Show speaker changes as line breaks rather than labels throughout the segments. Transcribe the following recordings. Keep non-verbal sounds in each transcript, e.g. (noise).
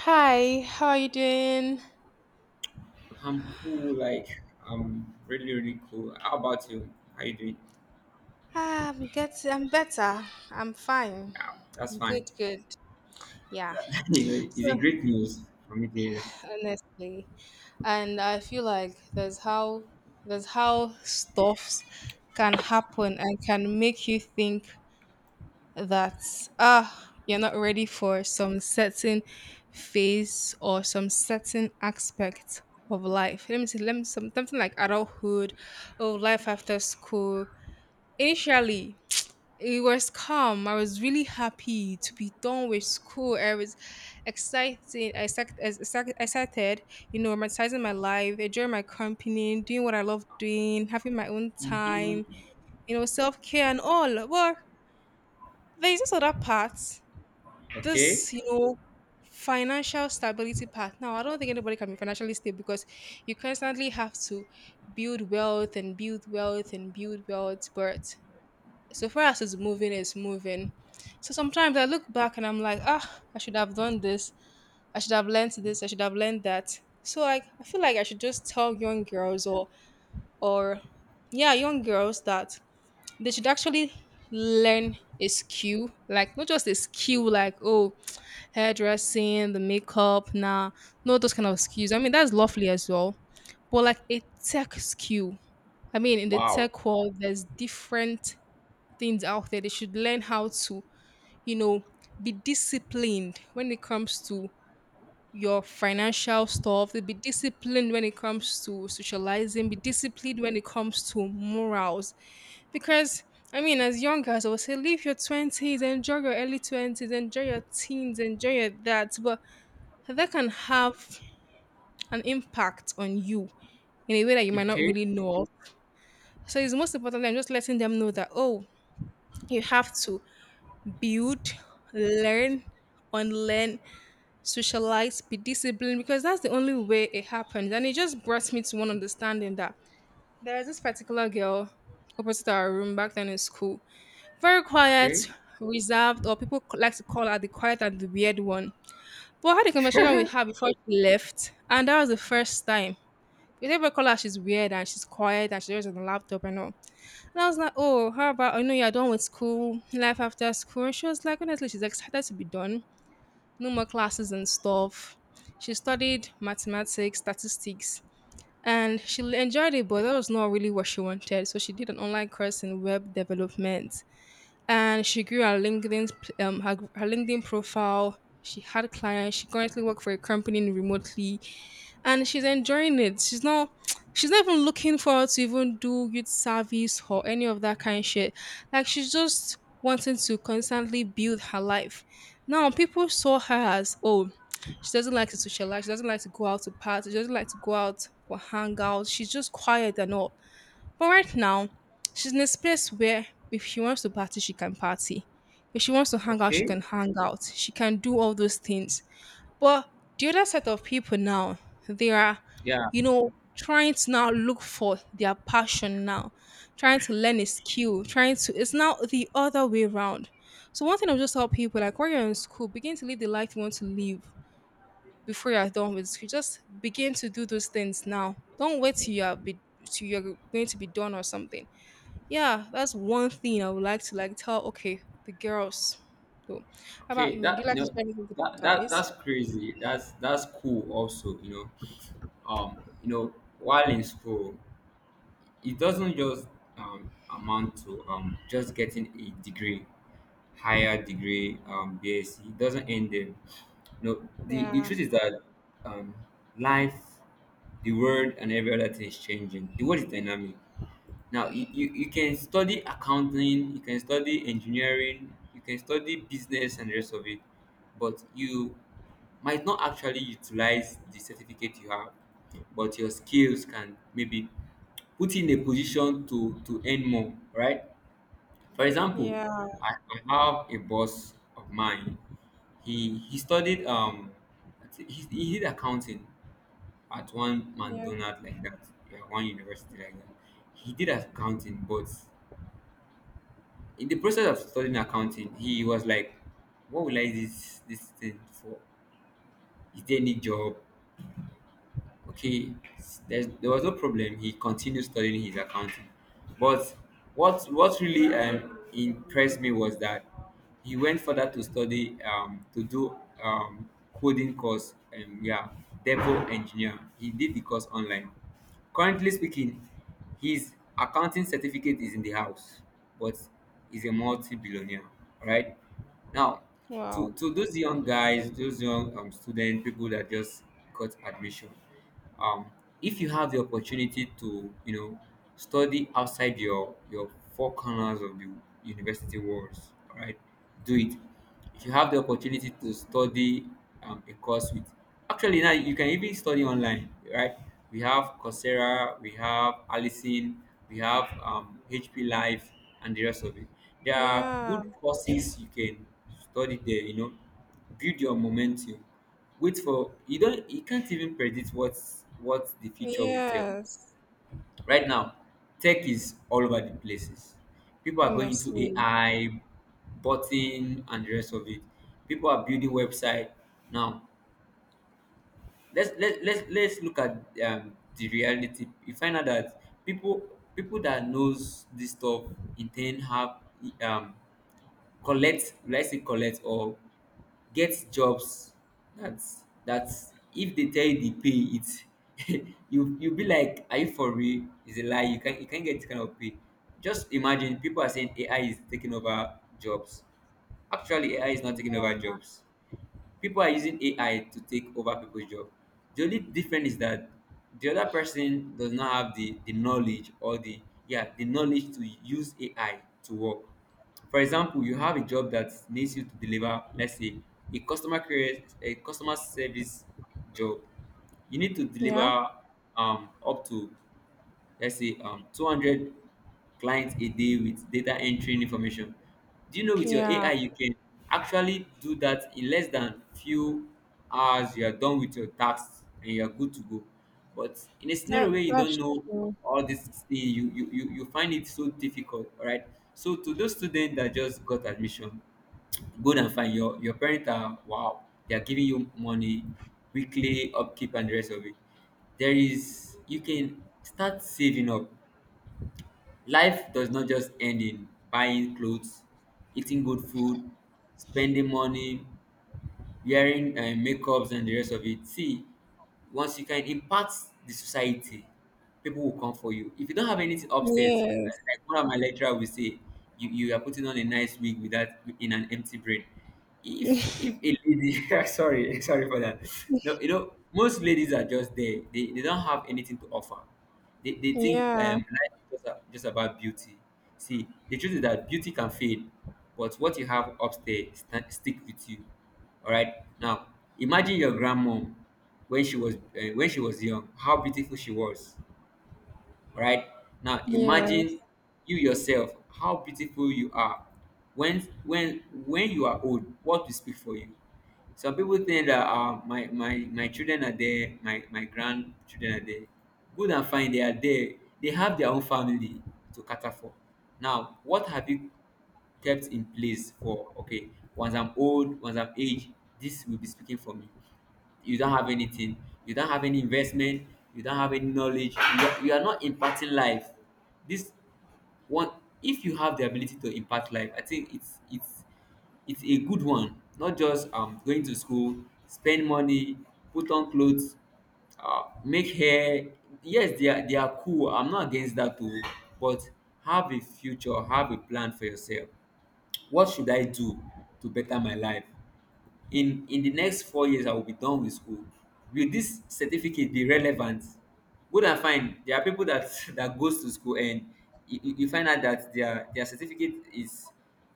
Hi, how are you doing?
I'm cool, like I'm really, really cool. How about you? How you doing?
I'm getting, I'm better. I'm fine.
Yeah, that's fine.
Good, good. Yeah.
(laughs)
So,
It's a great news for me to hear.
honestly, and I feel like there's how stuffs can happen and can make you think that ah you're not ready for some certain phase or some certain aspect of life. Let me see, let me some something like adulthood or life after school. Initially, it was calm. I was really happy to be done with school. I was exciting, I sec- as- sec- excited, you know, romanticizing my life, enjoying my company, doing what I love doing, having my own time,
Hmm.
you know, self care and all. Well, there's this other part,
Okay.
this, you know, financial stability part. Now, I don't think anybody can be financially stable because you constantly have to build wealth and build wealth and build wealth. But so far as it's moving, it's moving. So sometimes I look back and I'm like, ah, I should have done this. I should have learned this. I should have learned that. So like, I feel like I should just tell young girls or yeah, young girls that they should actually learn a skill, like not just a skill, like oh, hairdressing, the makeup, nah, no those kind of skills. I mean, that's lovely as well, but like a tech skill. I mean, in the
Wow.
tech world, there's different things out there. They should learn how to, you know, be disciplined when it comes to your financial stuff. Be disciplined when it comes to socializing. Be disciplined when it comes to morals. Because I mean, as young girls, I would say live your twenties, enjoy your early twenties, enjoy your teens, enjoy your that. But that can have an impact on you in a way that you might not
Okay.
really know of. So it's most important than just letting them know that, oh, you have to build, learn, unlearn, socialize, be disciplined because that's the only way it happens. And it just brought me to one understanding that there was this particular girl opposite our room back then in school. Very quiet,
Okay.
reserved, or like to call her the quiet and the weird one. But I had a conversation with her before she left, and that was the first time. Because everybody call her she's weird and she's quiet and she's always on the laptop and all. And I was like, oh, how about, I know you're done with school, life after school. And she was like, honestly, she's excited to be done no more classes and stuff. She studied mathematics, statistics, and she enjoyed it, but that was not really what she wanted. So she did an online course in web development and she grew her LinkedIn her LinkedIn profile. She had clients. She currently works for a company remotely, and she's enjoying it. She's not (tsk) she's not even looking forward to even do youth service or any of that kind shit. Like she's just wanting to constantly build her life. Now people saw her as oh she doesn't like to socialize. She doesn't like to go out to parties. She doesn't like to go out for hangouts. She's just quiet and all. But right now, she's in a space where if she wants to party, she can party. If she wants to hang out, she
Okay.
can hang out. She can do all those things. But the other set of people now, they are,
Yeah.
you know, trying to now look for their passion now, trying to learn a skill, trying to, it's now the other way around. So one thing I'll just tell people, like when you're in school, begin to live the life you want to live before you're done with school. Just begin to do those things now. Don't wait till you're be till you're going to be done or something yeah, that's one thing I would like to like tell. Okay, the girls. So, how about
Okay.
you? Would you like to share anything with the guys?
That's crazy. That's cool also, you know. Um, you know, while in school it doesn't just amount to just getting a degree, higher degree, BSc. It doesn't end there. No, the
Yeah,
truth is that um, life, the world, and every other thing is changing. The world is dynamic now. You can study accounting, you can study engineering, you can study business, and the rest of it, but you might not actually utilize the certificate you have, but your skills can maybe put you in a position to earn more, right? For example,
yeah,
I have a boss of mine. He studied I think he did accounting at one
yeah.
McDonald's like that, yeah, one university like that. He did accounting, but in the process of studying accounting, he was like, "What will I use this thing for? Is there any job?" Okay, there was no problem. He continued studying his accounting, but what really impressed me was that he went further to study to do um, coding course, and yeah, devil engineer. He did the course online. Currently speaking, his accounting certificate is in the house, but he's a multi-billionaire right now. To
Wow.
those young guys, those young student people that just got admission, um if you have the opportunity to, you know, study outside your four corners of the university walls, all right, do it. If you have the opportunity to study a course with, actually now you can even study online, right? We have Coursera, we have Allison, we have HP Live, and the rest of it. There are
Yeah.
good courses you can study there, you know. Build your momentum. Wait for you don't You can't even predict what the future will tell.
Yes.
Right now tech is all over the places. People are going into
Honestly.
AI, botting, and the rest of it. People are building website now. Let's let, Let's look at the reality. You find out that people that knows this stuff intend have um collect, let's say, collect or get jobs. That's if they tell you the pay, it's (laughs) you be like, are you for real? It's a lie. You can not you can't get this kind of pay. Just imagine, people are saying AI is taking over jobs. Actually, AI is not taking over
Yeah.
jobs. People are using AI to take over people's job. The only difference is that the other person does not have the knowledge or the, yeah, the knowledge to use AI to work. For example, you have a job that needs you to deliver, let's say, a customer care, a customer service job. You need to
Yeah.
deliver up to, let's say, 200 clients a day with data entering information. Do you know, with your
Yeah.
AI you can actually do that in less than few hours. You are done with your tasks and you are good to go. But in a scenario
That
where you don't
that's
know
true.
all this thing, you you find it so difficult, all right? So to those students that just got admission, good and fine, your parents are, wow, they are giving you money, weekly upkeep and the rest of it. There is You can start saving up. Life does not just end in buying clothes, eating good food, spending money, wearing makeups and the rest of it. See, once you can impact the society, people will come for you. If you don't have anything upstairs, like
Yes.
like one of my lecturer will say, you are putting on a nice wig with that in an empty brain. If a lady (laughs) sorry, sorry for that. No, you know, most ladies are just there. They don't have anything to offer. They think
Yeah.
life is just, just about beauty. See, the truth is that beauty can fade, but what you have upstairs stick with you. All right. Now, imagine your grandmom when she was young, how beautiful she was. All right. Now, imagine
Yes.
you yourself, how beautiful you are. When you are old, what will speak for you? Some people think that my children are there, my grandchildren are there. Good and fine, they are there. They have their own family to cater for. Now, what have you kept in place for, okay, once I'm old, once I'm aged, this will be speaking for me? You don't have anything, you don't have any investment, you don't have any knowledge, you are not imparting life. This one, if you have the ability to impart life, I think it's it's a good one. Not just going to school, spend money, put on clothes, make hair. Yes, they are cool, I'm not against that too. But have a future, have a plan for yourself. What should I do to better my life? In the next 4 years I will be done with school. Will this certificate be relevant? Good and fine, there are people that (laughs) that goes to school and you you find out that their certificate is,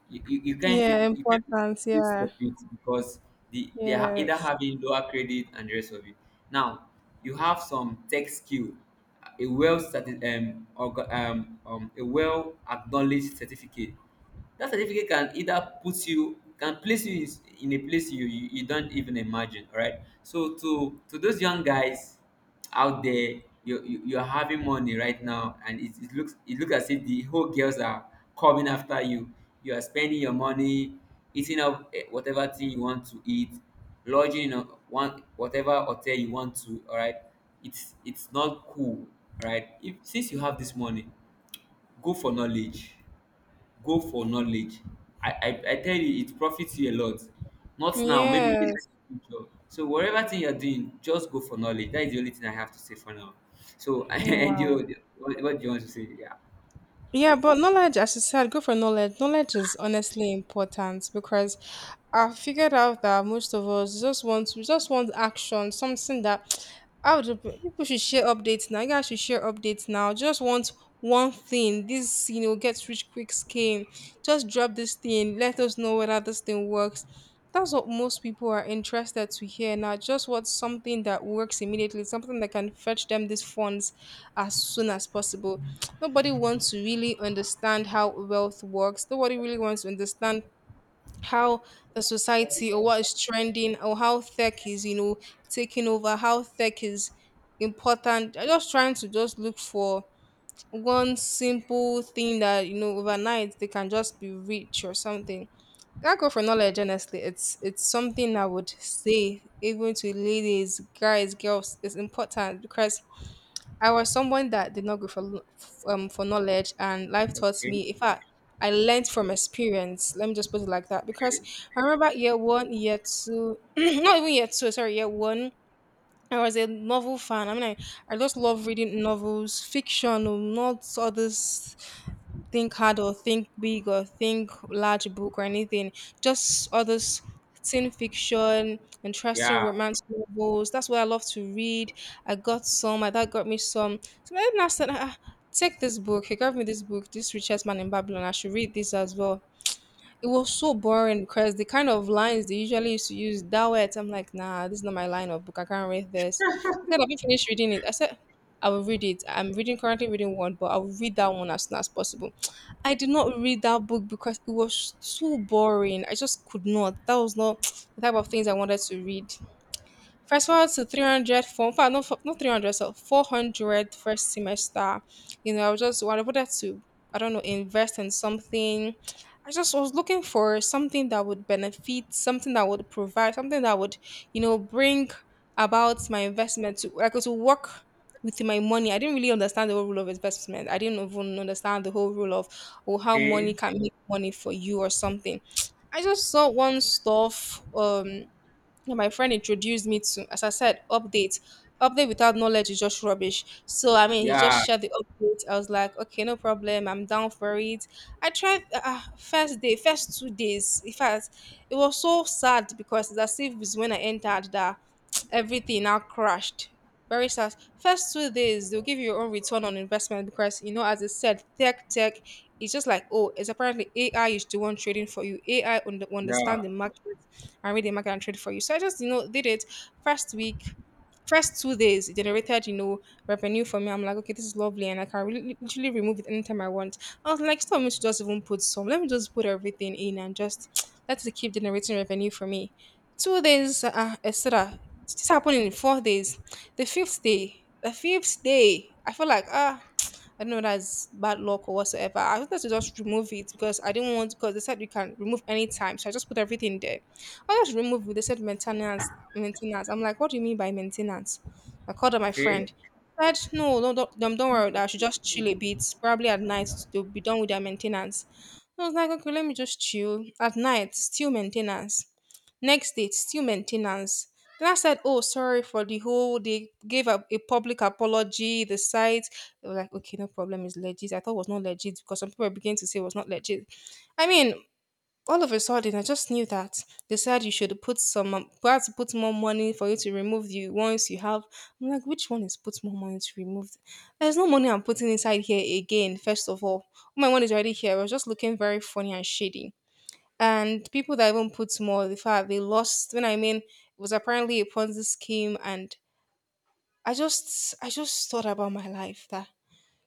you can't,
Yeah.
you can't
Importance.
use
Yeah.
of it because they are either
Yes.
having lower credit and the rest of it. Now you have some tech skill, a a well acknowledged certificate. That certificate can either put you, can place you in a place you, you don't even imagine. All right, so to those young guys out there, you, you're having money right now and it looks, it looks as if the whole girls are coming after you. You are spending your money, eating up, eh, whatever thing you want to eat, lodging in a, one whatever hotel you want to, all right, it's not cool, all right? If, since you have this money, go for knowledge, go for knowledge. I tell you, it profits you a lot. Not now, maybe later,
Yes.
in the future. So whatever thing you're doing, just go for knowledge. That is the only thing I have to say for now. So (laughs) and
Wow.
you, what do you want to say? Yeah.
Yeah, but knowledge, as you said, go for knowledge. Knowledge is honestly important because I figured out that most of us just want action, something that (sniffs) (tsk) I would people should share updates now. You guys should share updates now. Just want one thing. This you know get rich quick scheme. Just drop this thing. Let us know whether this thing works. That's what most people are interested to hear now. Just want something that works immediately, something that can fetch them these funds as soon as possible. Nobody wants to really understand how wealth works. Nobody really wants to understand how the society or what is trending or how tech is, you know, taking over, how tech is important. They're just trying to just look for one simple thing that, you know, overnight they can just be rich or something. That go for knowledge, honestly. It's something I would say even to ladies, guys, girls, it's important because I was someone that did not go for for knowledge, and life taught
Okay.
me. In fact, I learned from experience. Let me just put it like that because
Okay.
I remember year one, year two, (clears throat) not even year two, sorry, year one. I was a novel fan. I just love reading novels, fiction, oh, not others think hard or think big or think large book or anything. Just others teen fiction, interesting
Yeah.
romance novels. That's what I love to read. I got some, my dad got me some. So my dad now said, ah, take this book. He gave me this book, this richest man in Babylon. I should read this as well. It was so boring because the kind of lines they usually used to use that word. I'm like, nah, this is not my line of book. I can't read this. Instead of me finish reading it, I said, I will read it. I'm reading currently reading one, but I will read that one as soon as possible. (tsk) I did not read that book because it was too boring. I just could not. That was not (tsk) the type of things I wanted to read. First one to 300 for, in fact, not, for, not 300, so 400 first semester. You know, I was just, I wanted to, I don't know, invest in something. I just was looking for something that would benefit, something that would provide, something that would, you know, bring about my investment to, like, to work with my money. I didn't really understand the whole rule of investment. I didn't even understand the whole rule of, oh, how money
Okay.
can make money for you or something. I just saw one stuff, yeah, my friend introduced me to, as I said, update. Update without knowledge is just rubbish. So I mean, he just
Yeah.
shared the update. I was like, okay, no problem. I'm down for it. I tried first day, first 2 days. In fact, it was so sad because it's as if it's when I entered that everything now crashed. Very sad. First 2 days, they'll give you your own return on investment because, you know, as I said, tech, it's just like, oh, it's apparently AI is the one trading for you. Will understand the
Yeah.
market and read the market and trade for you. So I just, you know, did it first week. First 2 days it generated, you know, revenue for me. I'm like, okay, this is lovely, and I can really literally remove it anytime I want. I was like, stop me to just even put some. Let me just put everything in and just (tsk) let it keep generating revenue for me. 2 days, etc. This happened in 4 days. The fifth day, the fifth day, I feel like ah. (tsk) I don't know that's bad luck or whatsoever. I wanted to just remove it because I didn't want because they said you can remove anytime. So I just put everything there. I just removed it. They said maintenance. Maintenance. I'm like, what do you mean by maintenance? I called up my
Okay.
friend. Said, no, no, don't worry. I should just chill a bit. Probably at night they'll be done with their maintenance. I was like, okay, let me just chill. At night, still maintenance. Next day, still maintenance. Then I said, oh, sorry for the whole. They gave a public apology. The site. They were like, okay, no problem. It's legit. I thought it was not legit because some people began to say it was not legit. I mean, all of a sudden I just knew that they said you should put some we had to put more money for you to remove the ones you have. I'm like, which one is put more money to remove? There's no money I'm putting inside here again. First of all, my one is already here. I was just looking very funny and shady, and people that even put more the fact they lost when I mean it was apparently a ponzi scheme. And I just thought about my life that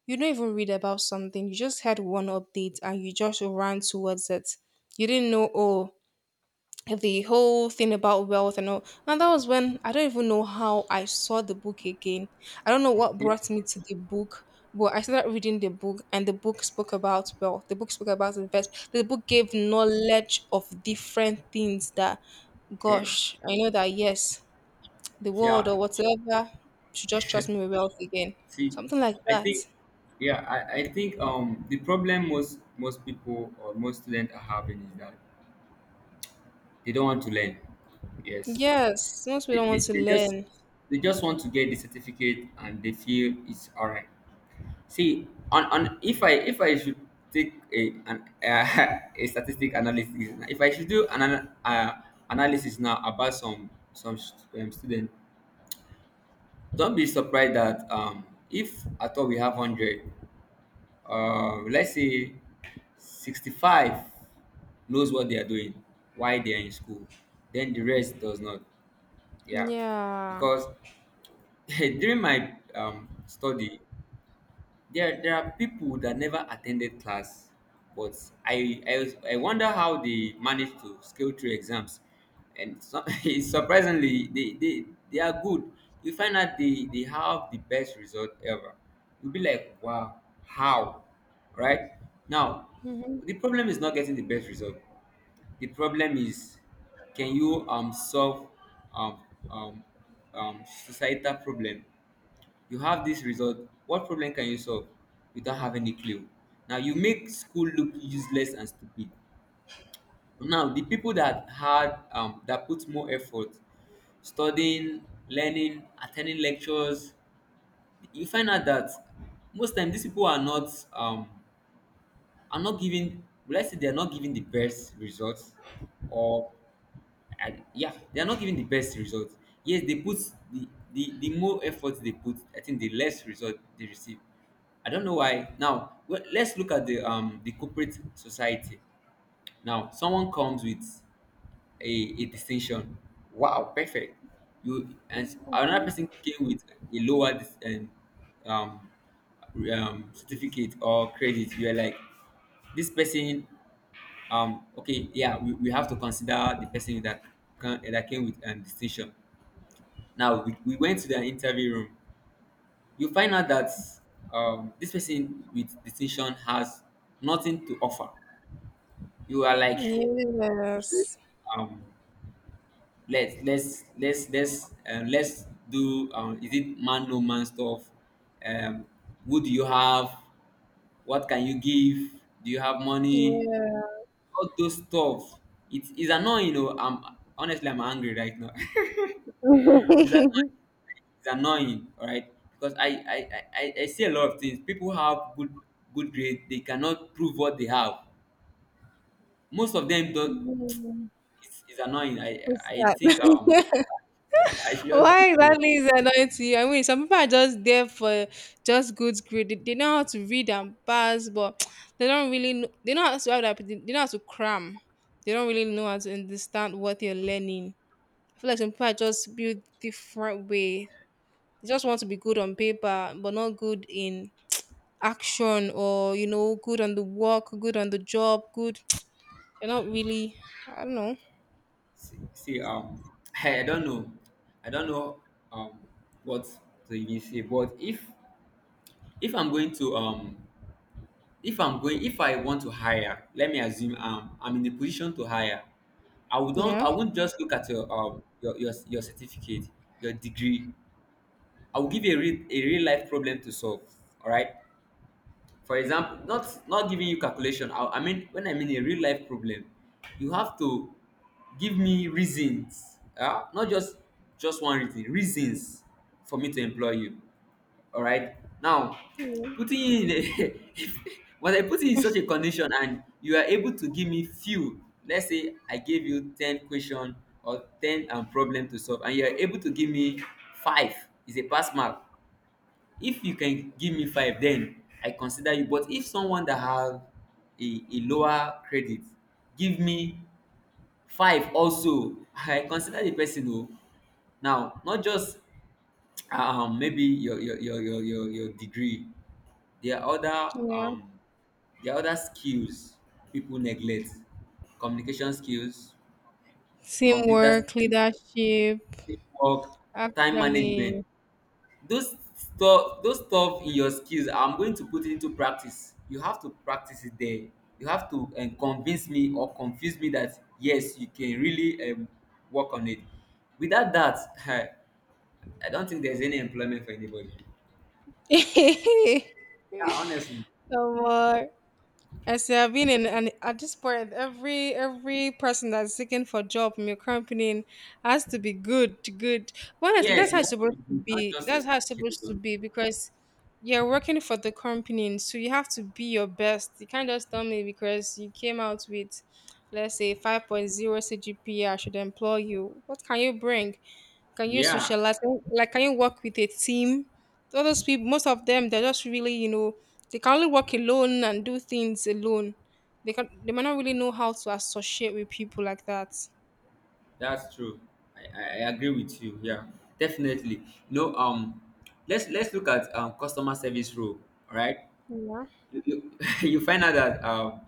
you don't even read about something. You just had one update and you just ran towards it. You didn't know, oh, the whole thing about wealth and all. And that was when I don't even know how I saw the book again. I don't know what
Okay.
brought me to the book, but I started reading the book, and the book spoke about wealth. The book spoke about investment. The book gave knowledge of different things that,
Okay.
gosh, I know that yes, the world
Yeah.
or whatever should just trust me with wealth again.
See,
Something like
I
that.
think, yeah, I think the problem most people or most students are having is that they don't want to learn. Yes,
Yes, most people don't want to
they just,
learn.
they just want to get the certificate and they feel it's all right. See, on, if I should take a an (laughs) a statistic analysis, if I should do an analysis now about some student, don't be surprised that if at all we have 100, let's say 65 knows what they are doing, why they are in school, then the rest does not, yeah.
Yeah.
Because (laughs) during my study, there are people that never attended class, but I wonder how they managed to scale through exams, and so, (laughs) surprisingly, they are good. You find out they have the best result ever. You'll be like, wow, how, right? Now,
Hmm.
the problem is not getting the best result. The problem is, can you solve um um societal problem? You have this result. What problem can you solve without having a clue? Now you make school look useless and stupid. Now the people that had that put more effort studying, learning, attending lectures, you find out that most time these people are not giving. Let's say they are not giving the best results, or and yeah, they are not giving the best result. Yes, they put the more effort they put, I think the less result they receive. I don't know why. Now, well, let's look at the corporate society. Now, someone comes with a distinction. Wow, perfect. You and another person came with a lower um certificate or credit. You are like, this person okay yeah we have to consider the person that came with distinction. We went to the interview room. You find out that this person with distinction has nothing to offer. You are like,
Yes.
um let's do is it man, no, man stuff, um who do you have, what can you give, do you have money,
Yeah.
all those stuff. It is annoying, you know I'm honestly, I'm angry right now. (laughs) is It's annoying, all right? Because I see a lot of things. People have good grade, they cannot prove what they have. Most of them don't. It's annoying. I
What's
I
that?
think I
(laughs)
should
Why
just,
exactly is that annoying to you? I mean, some people are just there for just good grade. They know how to read and pass, but (tsk) they don't really know. They know how to how do I put it? They know how to cram. They don't really know how to understand what they're learning. I feel like some people are just built different way. They just want to be good on paper, but not good in action or you know, good on the work, good on the job, good. (tsk) They're not really. I don't know.
see, (laughs) I don't know, I don't know, um what to even say. But if I'm going to, if I'm going, if I want to hire, let me assume I'm in the position to hire. I would not
Yeah.
I won't just look at your your certificate, your degree. I will give you a real life problem to solve. All right. For example, not giving you calculation. I mean, when I mean a real life problem, you have to give me reasons. Yeah, not just just one reason. Reasons for me to employ you. All right. Now,
Yeah.
putting you in a, (laughs) but I put you in such a condition, and you are able to give me few. Let's say I gave you 10 question or ten problem to solve, and you are able to give me five. Is a pass mark. If you can give me five, then I consider you. But if someone that have a lower credit give me five also, (laughs) I consider the person o. Now, not just maybe your degree. There are other
Yeah.
there are other skills people neglect: communication skills, computer
Teamwork,
skills,
leadership.
teamwork, time
Actually,
management. Those stuff in your skills, I'm going to put it into practice. You have to practice it there. You have to convince me or confuse me that yes, you can really work on it. Without that, (laughs) I don't think there's any employment for anybody.
(laughs) so
Yeah, honestly.
uh, I say I've been in, and at this point, every person that's seeking for job in your company has to be good, good. But honestly,
Yes,
that's how
you
it's
have to
supposed
be
to
good, not
be.
just your
That's how it's
certificate
supposed to
alone.
be because you're working for the company, so you have to be your best. You can't just tell me because you came out with, let's say, five point zero CGPA, I should employ you. What can you bring? Can you
Yeah,
socialize? Can you- Like, can you work with a team? All those people, most of them, they're just really, you know, they can only work alone and do things alone. They can, they might not really know how to associate with people like that.
that's true. I agree with you, yeah. Definitely. No, let's look at customer service role. All right.
Yeah.
You (laughs) you find out that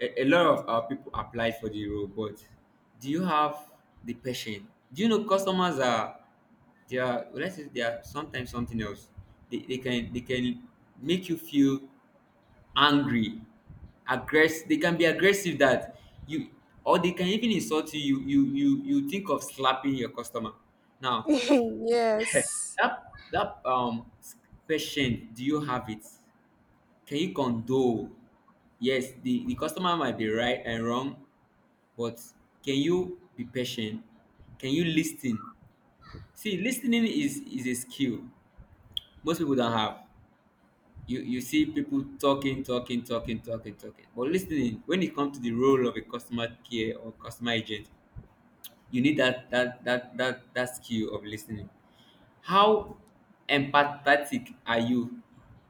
a lot of people apply for the role, but do you have the passion? Do you know customers are, they are let's say they are sometimes something else. They can make you feel angry, aggressive. They can be aggressive that you, or they can even insult you. You think of slapping your customer. Now
(laughs)
(laughs)
Yes.
that question, do you have it? Can you condole? Yes, the customer might be right and wrong, but can you be patient? Can you listen? See, is a skill most people don't have. You see people talking, talking, talking, talking, talking. But listening, when it comes to the role of a customer care or customer agent, you need that skill of listening. How empathetic are you?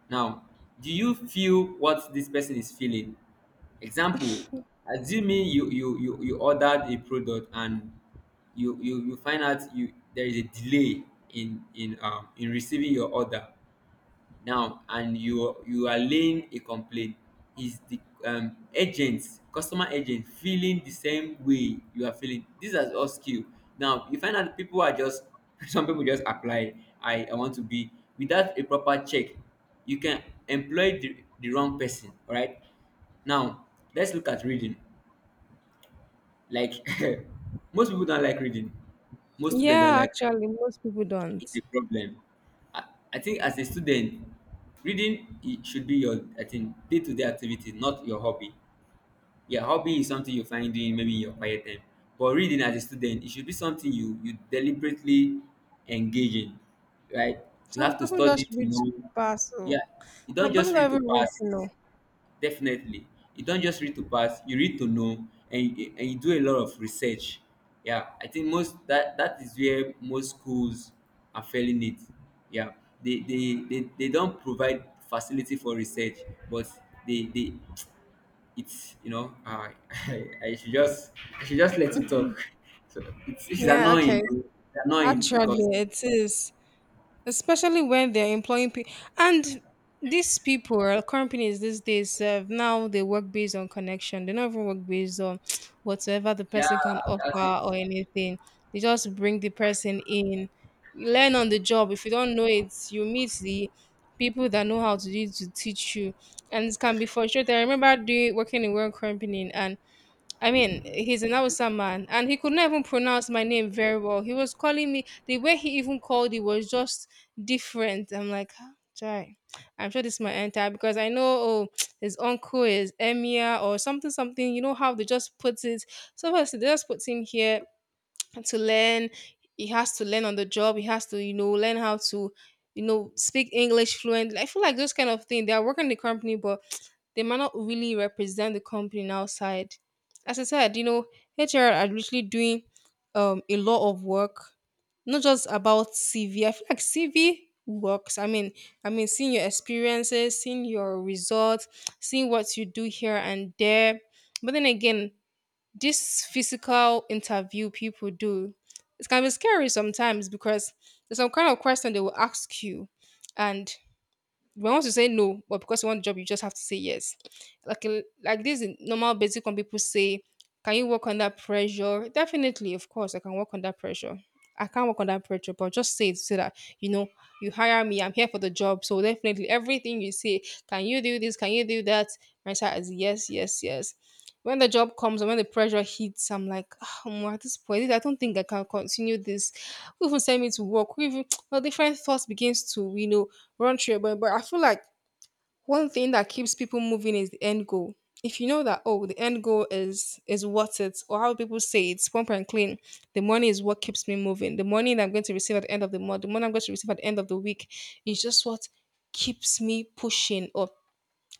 Now, do you feel what this person is feeling? Example, assuming you ordered a product and you find out you there is a delay in receiving your order. Now, and you are laying a complaint. Is the agent, customer agent, feeling the same way you are feeling? These are all skill. Now you find out people are just (laughs) some people just apply, I want to be, without a proper check, you can employ the wrong person. All right. Now let's look at reading. Like (laughs) most people don't like reading. Most students don't
Yeah,
like.
actually, most people don't.
It's a problem. I, I think, as a student, reading, it should be your, I think, day to day activity, not your hobby. Yeah, hobby is something you find doing maybe in your quiet time. But reading as a student, it should be something you deliberately engage in, right? You have
Some
to
people
study
just
to
read to
know.
pass. So
Yeah, you don't
some people
just read
don't
to
even read
pass.
to know.
Definitely. You don't just read to pass, you read to know, and you do a lot of research. Yeah, I think most that that is where most schools are failing it. Yeah. They don't provide facility for research, but they it's, you know, (laughs) I should just, I should just let you talk. (laughs) So it's
Yeah,
annoying.
okay.
It's annoying because,
Actually, it is. Especially when they're employing people, and these people or companies these days now they work based on connection. They don't even work based on (sniffs) (tsk) whatever the
yeah,
person can
that's
offer
it.
or anything. They just bring the person in, learn on the job. If you don't know it, you meet the people that know how to do it to teach you, and it can be frustrating. I remember doing working in one company, and I mean, he's an Hausa man, and he could not even pronounce my name very well. He was calling me the way he even called it was just different. I'm like, "Ah, Jai, I'm sure this might enter because I know oh, (tsk) his uncle is Emir or something, something." You know how they just put it. So obviously they just put him here to learn. He has to learn on the job. He has to, you know, learn how to, you know, speak English fluently. I feel like those kind of thing. They are working in the company, but (tsk) they might not really represent the company outside. As I said, you know, HR are literally doing a lot of work, not just about CV. I feel like CV works. I mean, seeing your experiences, seeing your results, seeing what you do here and there. But then again, this physical interview people do, it can be scary sometimes because there's some kind of question they will ask you, and but once you say no, but because you want the job, you just have to say yes. Like a- like this in normal basic when people say, can you work under pressure? Definitely, of course, I can work under pressure. I can't work under pressure, but just say it so that you know you hire me, I'm here for the job. So definitely everything you say, can you do this? Can you do that? My answer is yes, yes, yes. When the job comes and when the pressure hits, I'm like, oh, Omo, at this point, I don't think I can continue this. Who even sent me to work? Who even (tsk) well, different thoughts begins to, you know, run through your brain. But I feel like one thing that keeps people moving is the end goal. If you know that oh the end goal is worth it, or how people say it's pump and clean, the money is what keeps me moving. The money that I'm going to receive at the end of the month, the money I'm going to receive at the end of the week, is just what keeps me pushing or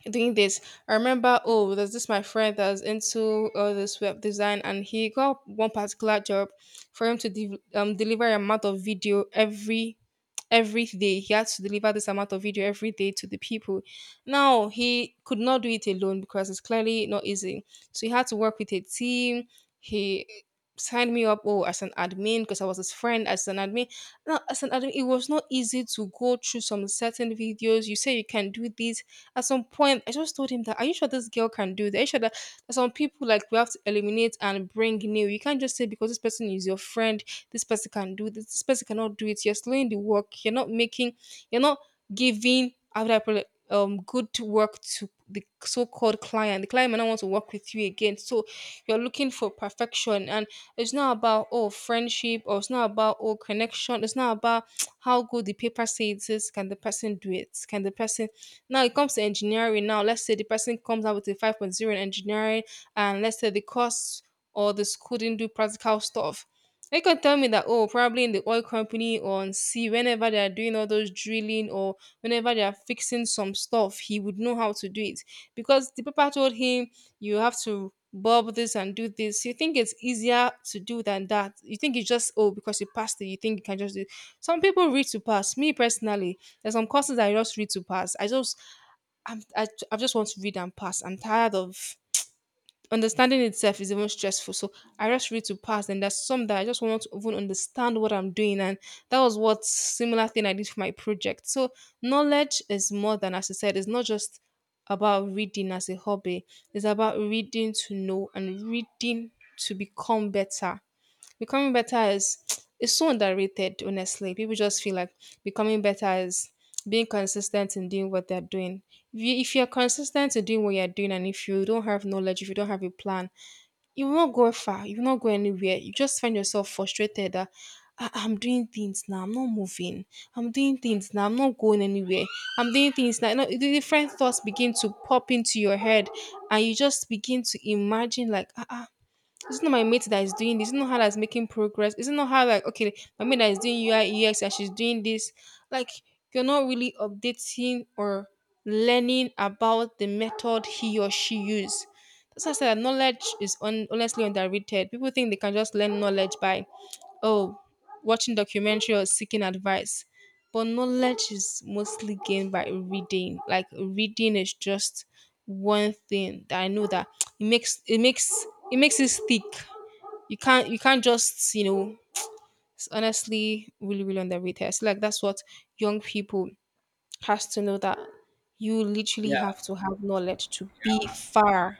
doing this. I remember oh there's this my friend that was into all this web design, and he got one particular job for him to deliver an amount of video every day. He had to deliver this amount of video every day to the people. Now, he could not do it alone because it's clearly not easy. So he had to work with a team. He signed me up oh as an admin because I was his friend as an admin. Now as an admin, it was not easy to go through some certain videos. You say you can do this. At some point, I just told him that are you sure this girl can do that? Are you sure that some people like we have to eliminate and bring new. You can't just say because this person is your friend, this person can do this, this person cannot do it. You're slowing the work. You're not making. You're not giving how would I put it, good work to the so-called client. The client might not want to work with you again. So you're looking for perfection, and it's not about oh friendship or it's not about oh connection. It's not about (tsk) how good the paper says it is. Can the person do it? Can the person? Now it comes to engineering. Now let's say the person comes out with a five point zero in engineering, and let's say the course or the school didn't do practical stuff. They can tell me that oh, probably in the oil company or on sea, whenever they are doing all those drilling or whenever they are fixing some stuff, he would know how to do it because the paper told him you have to bob this and do this. You think it's easier to do than that. You think it's just oh because you passed it, you think you can just do it. Some people read to pass. Me personally, there's some courses I just read to pass. I just I just want to read and pass. I'm tired of understanding itself is even stressful. So I just read to pass. And there's some that I just want to even understand what I'm doing. And that was what similar thing I did for my project. So knowledge is more than, as I said, it's not just about reading as a hobby. It's about reading to know and reading to become better. Becoming better is (tsk) is so underrated, honestly. People just feel like becoming better is being consistent in doing what they're doing. If you're consistent in doing what you're doing and if you don't have knowledge, if you don't have a plan, you will not go far. You will not go anywhere. You just find yourself frustrated that "Ah, ah, I'm doing things now. I'm not moving. I'm doing things now. I'm not going anywhere. I'm doing things now." You know, the different thoughts begin to pop into your head, and you just begin to imagine like, ah, ah, it's not my mate that is doing this. It's not her that's making progress. It's not her like okay, my mate that is doing UI UX and she's doing this. Like you're not really updating or learning about the method he or she used. That's why I said that knowledge is honestly underrated. People think they can just learn knowledge by oh watching documentary or seeking advice. But knowledge is mostly gained by reading. Like reading is just one thing that I know that (tsk) it makes it makes it makes it stick. You can't just it's honestly really underrated. I feel like that's what young people has to know that you literally
Yeah.
have to have knowledge to be far.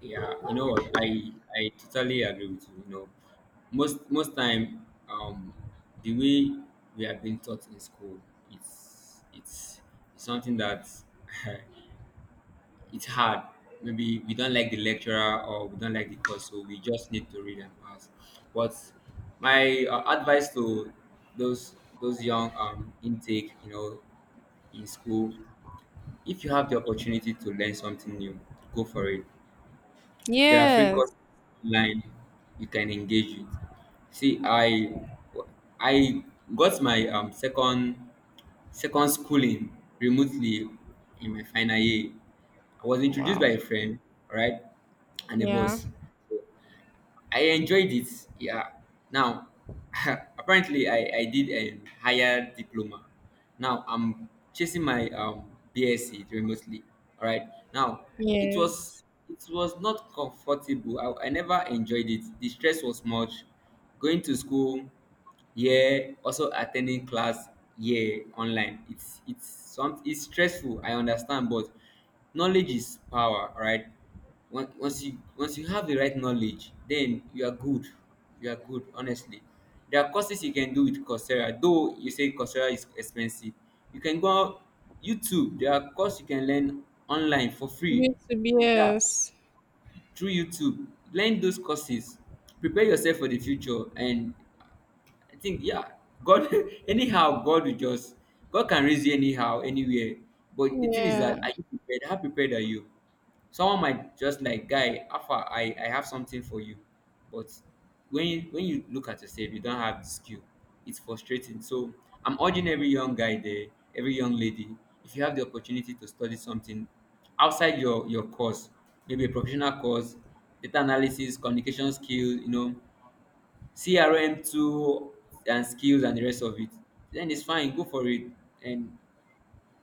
Yeah, you know what? I totally agree with you. You know, most time, the way we have been taught in school, it's something that (laughs) it's hard. Maybe we don't like the lecturer or we don't like the course, so we just need to read and pass. But my advice to those, young intake, you know, in school, if you have the opportunity to learn something new, go for it. There are free
Yes.
courses online you can engage with. See, I got my second schooling remotely in my final year. I was introduced
Wow.
by a friend, right, and a
Yeah.
boss. So, I enjoyed it. Yeah. Now, (laughs) apparently, I did a higher diploma. Now I'm chasing my BSc remotely. All right. Now, it was
Yes.
it was not comfortable. I never enjoyed it. The stress was much. Going to school, yeah. Also attending class, yeah. Online. It's some it's stressful. I understand, but knowledge is power, right? once once you have the right knowledge, then you are good. You are good, honestly. There are courses you can do with Coursera, though you say Coursera is expensive. You can go out, YouTube, there are courses you can learn online for free.
Used to be,
Yeah,
yes.
through YouTube, learn those courses, prepare yourself for the future. And I think, yeah, God (laughs) anyhow, God will just, God can raise you anyhow, anywhere. But the thing is that,
Yeah.
are you prepared? How prepared are you? Someone might just like, guy, alpha, I have something for you. But when you look at yourself, you don't have the skill. It's frustrating. So I'm urging every young guy there, every young lady, if you have the opportunity to study something outside your course, maybe a professional course, data analysis, communication skills, you know, CRM tool and skills and the rest of it, then it's fine, go for it. And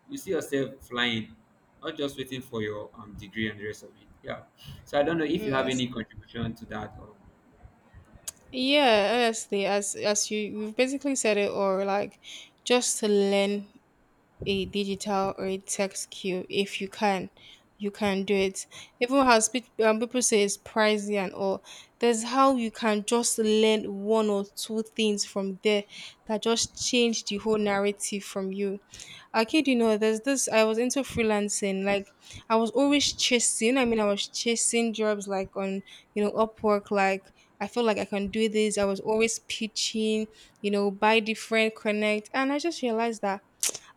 you see yourself flying, not just waiting for your degree and the rest of it. Yeah. So I don't know if you have
Yes.
any contribution to that. Or,
Yeah, honestly, as you've basically said it, or like just to learn a digital or a text queue if you can. You can do it. Even as people say it's pricey and all, there's how you can just learn one or two things from there that just change the whole narrative from you. I kid you know, there's this. I was into freelancing. Like I was always chasing. I mean, I was chasing jobs like on you know Upwork. Like I felt like I can do this. I was always pitching. You know, buy different, connect, and I just realized that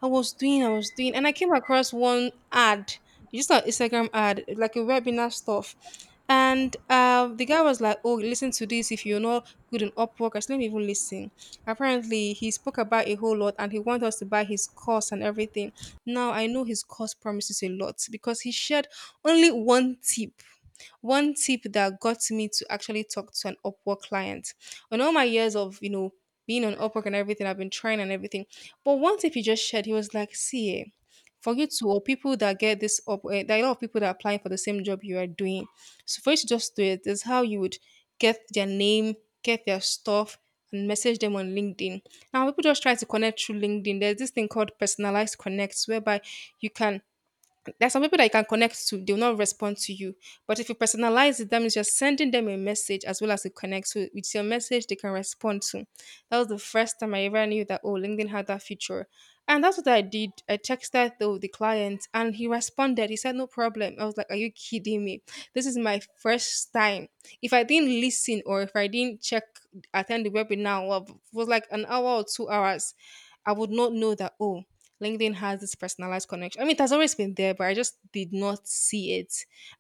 I was doing, and I came across one ad, just an Instagram ad, like a webinar stuff. And the guy was like, "Oh, listen to this. If you're not good in Upwork, I said, let me even listen." Apparently, he spoke about a whole lot, and he wanted us to buy his course and everything. Now I know his course promises a lot because he shared only one tip, that got me to actually talk to an Upwork client. On all my years of, you know, being on Upwork and everything, I've been trying and everything. But one tip he just shared, he was like, see, eh, for you to, or people that get this up, eh, there are a lot of people that are applying for the same job you are doing. So for you to just do it, is how you would get their name, get their stuff, and message them on LinkedIn. Now people just try to connect through LinkedIn. There's this thing called personalized connects, whereby you can there's some people that you can connect to, they'll not respond to you. But if you personalize it, that means you're sending them a message as well as a connect. So with your message, they can respond to. That was the first time I ever knew that, oh, LinkedIn had that feature. And that's what I did. I texted though the client and he responded. He said, no problem. I was like, are you kidding me? This is my first time. If I didn't listen or if I didn't check, attend the webinar, well, it was like an hour or two hours, I would not know that, oh, LinkedIn has this personalized connection. I mean, it has always been there, but I just did not see it.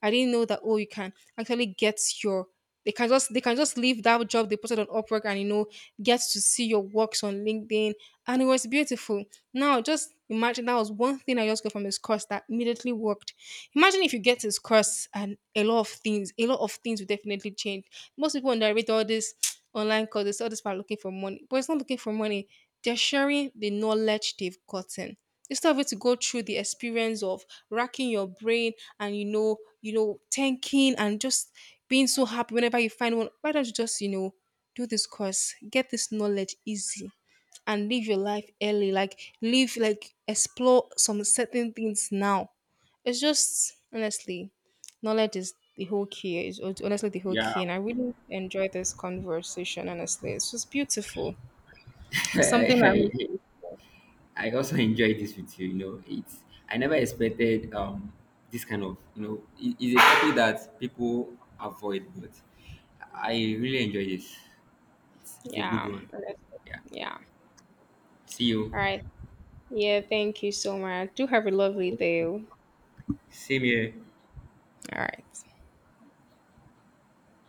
I didn't know that oh, you can actually get your they can just leave that job they posted on Upwork and you know get to see your works on LinkedIn, and it was beautiful. Now just imagine that was one thing I just got from this course that immediately worked. Imagine if you get this course and a lot of things will definitely change. Most people underrate all this (tsk) online courses, all this about looking for money, but it's not looking for money. They're sharing the knowledge they've gotten instead of it to go through the experience of racking your brain and thinking and just being so happy whenever you find one. Why don't you just, you know, do this course, get this knowledge easy and live your life early. Like live like explore some certain things now. It's just honestly, knowledge is the whole key. Is honestly the whole
yeah.
key, and I really enjoy this conversation. Honestly, it's just beautiful.
(laughs)
It's something
I, I,
I'm
I also enjoyed this with you. You know, it's, I never expected this kind of, you know, it's a topic that people avoid, but I really enjoy this. It's a good
Yeah.
one.
Understood.
Yeah.
Yeah.
See you.
All right. Yeah. Thank you so much. Do have a lovely day. Oh.
Same here.
All right.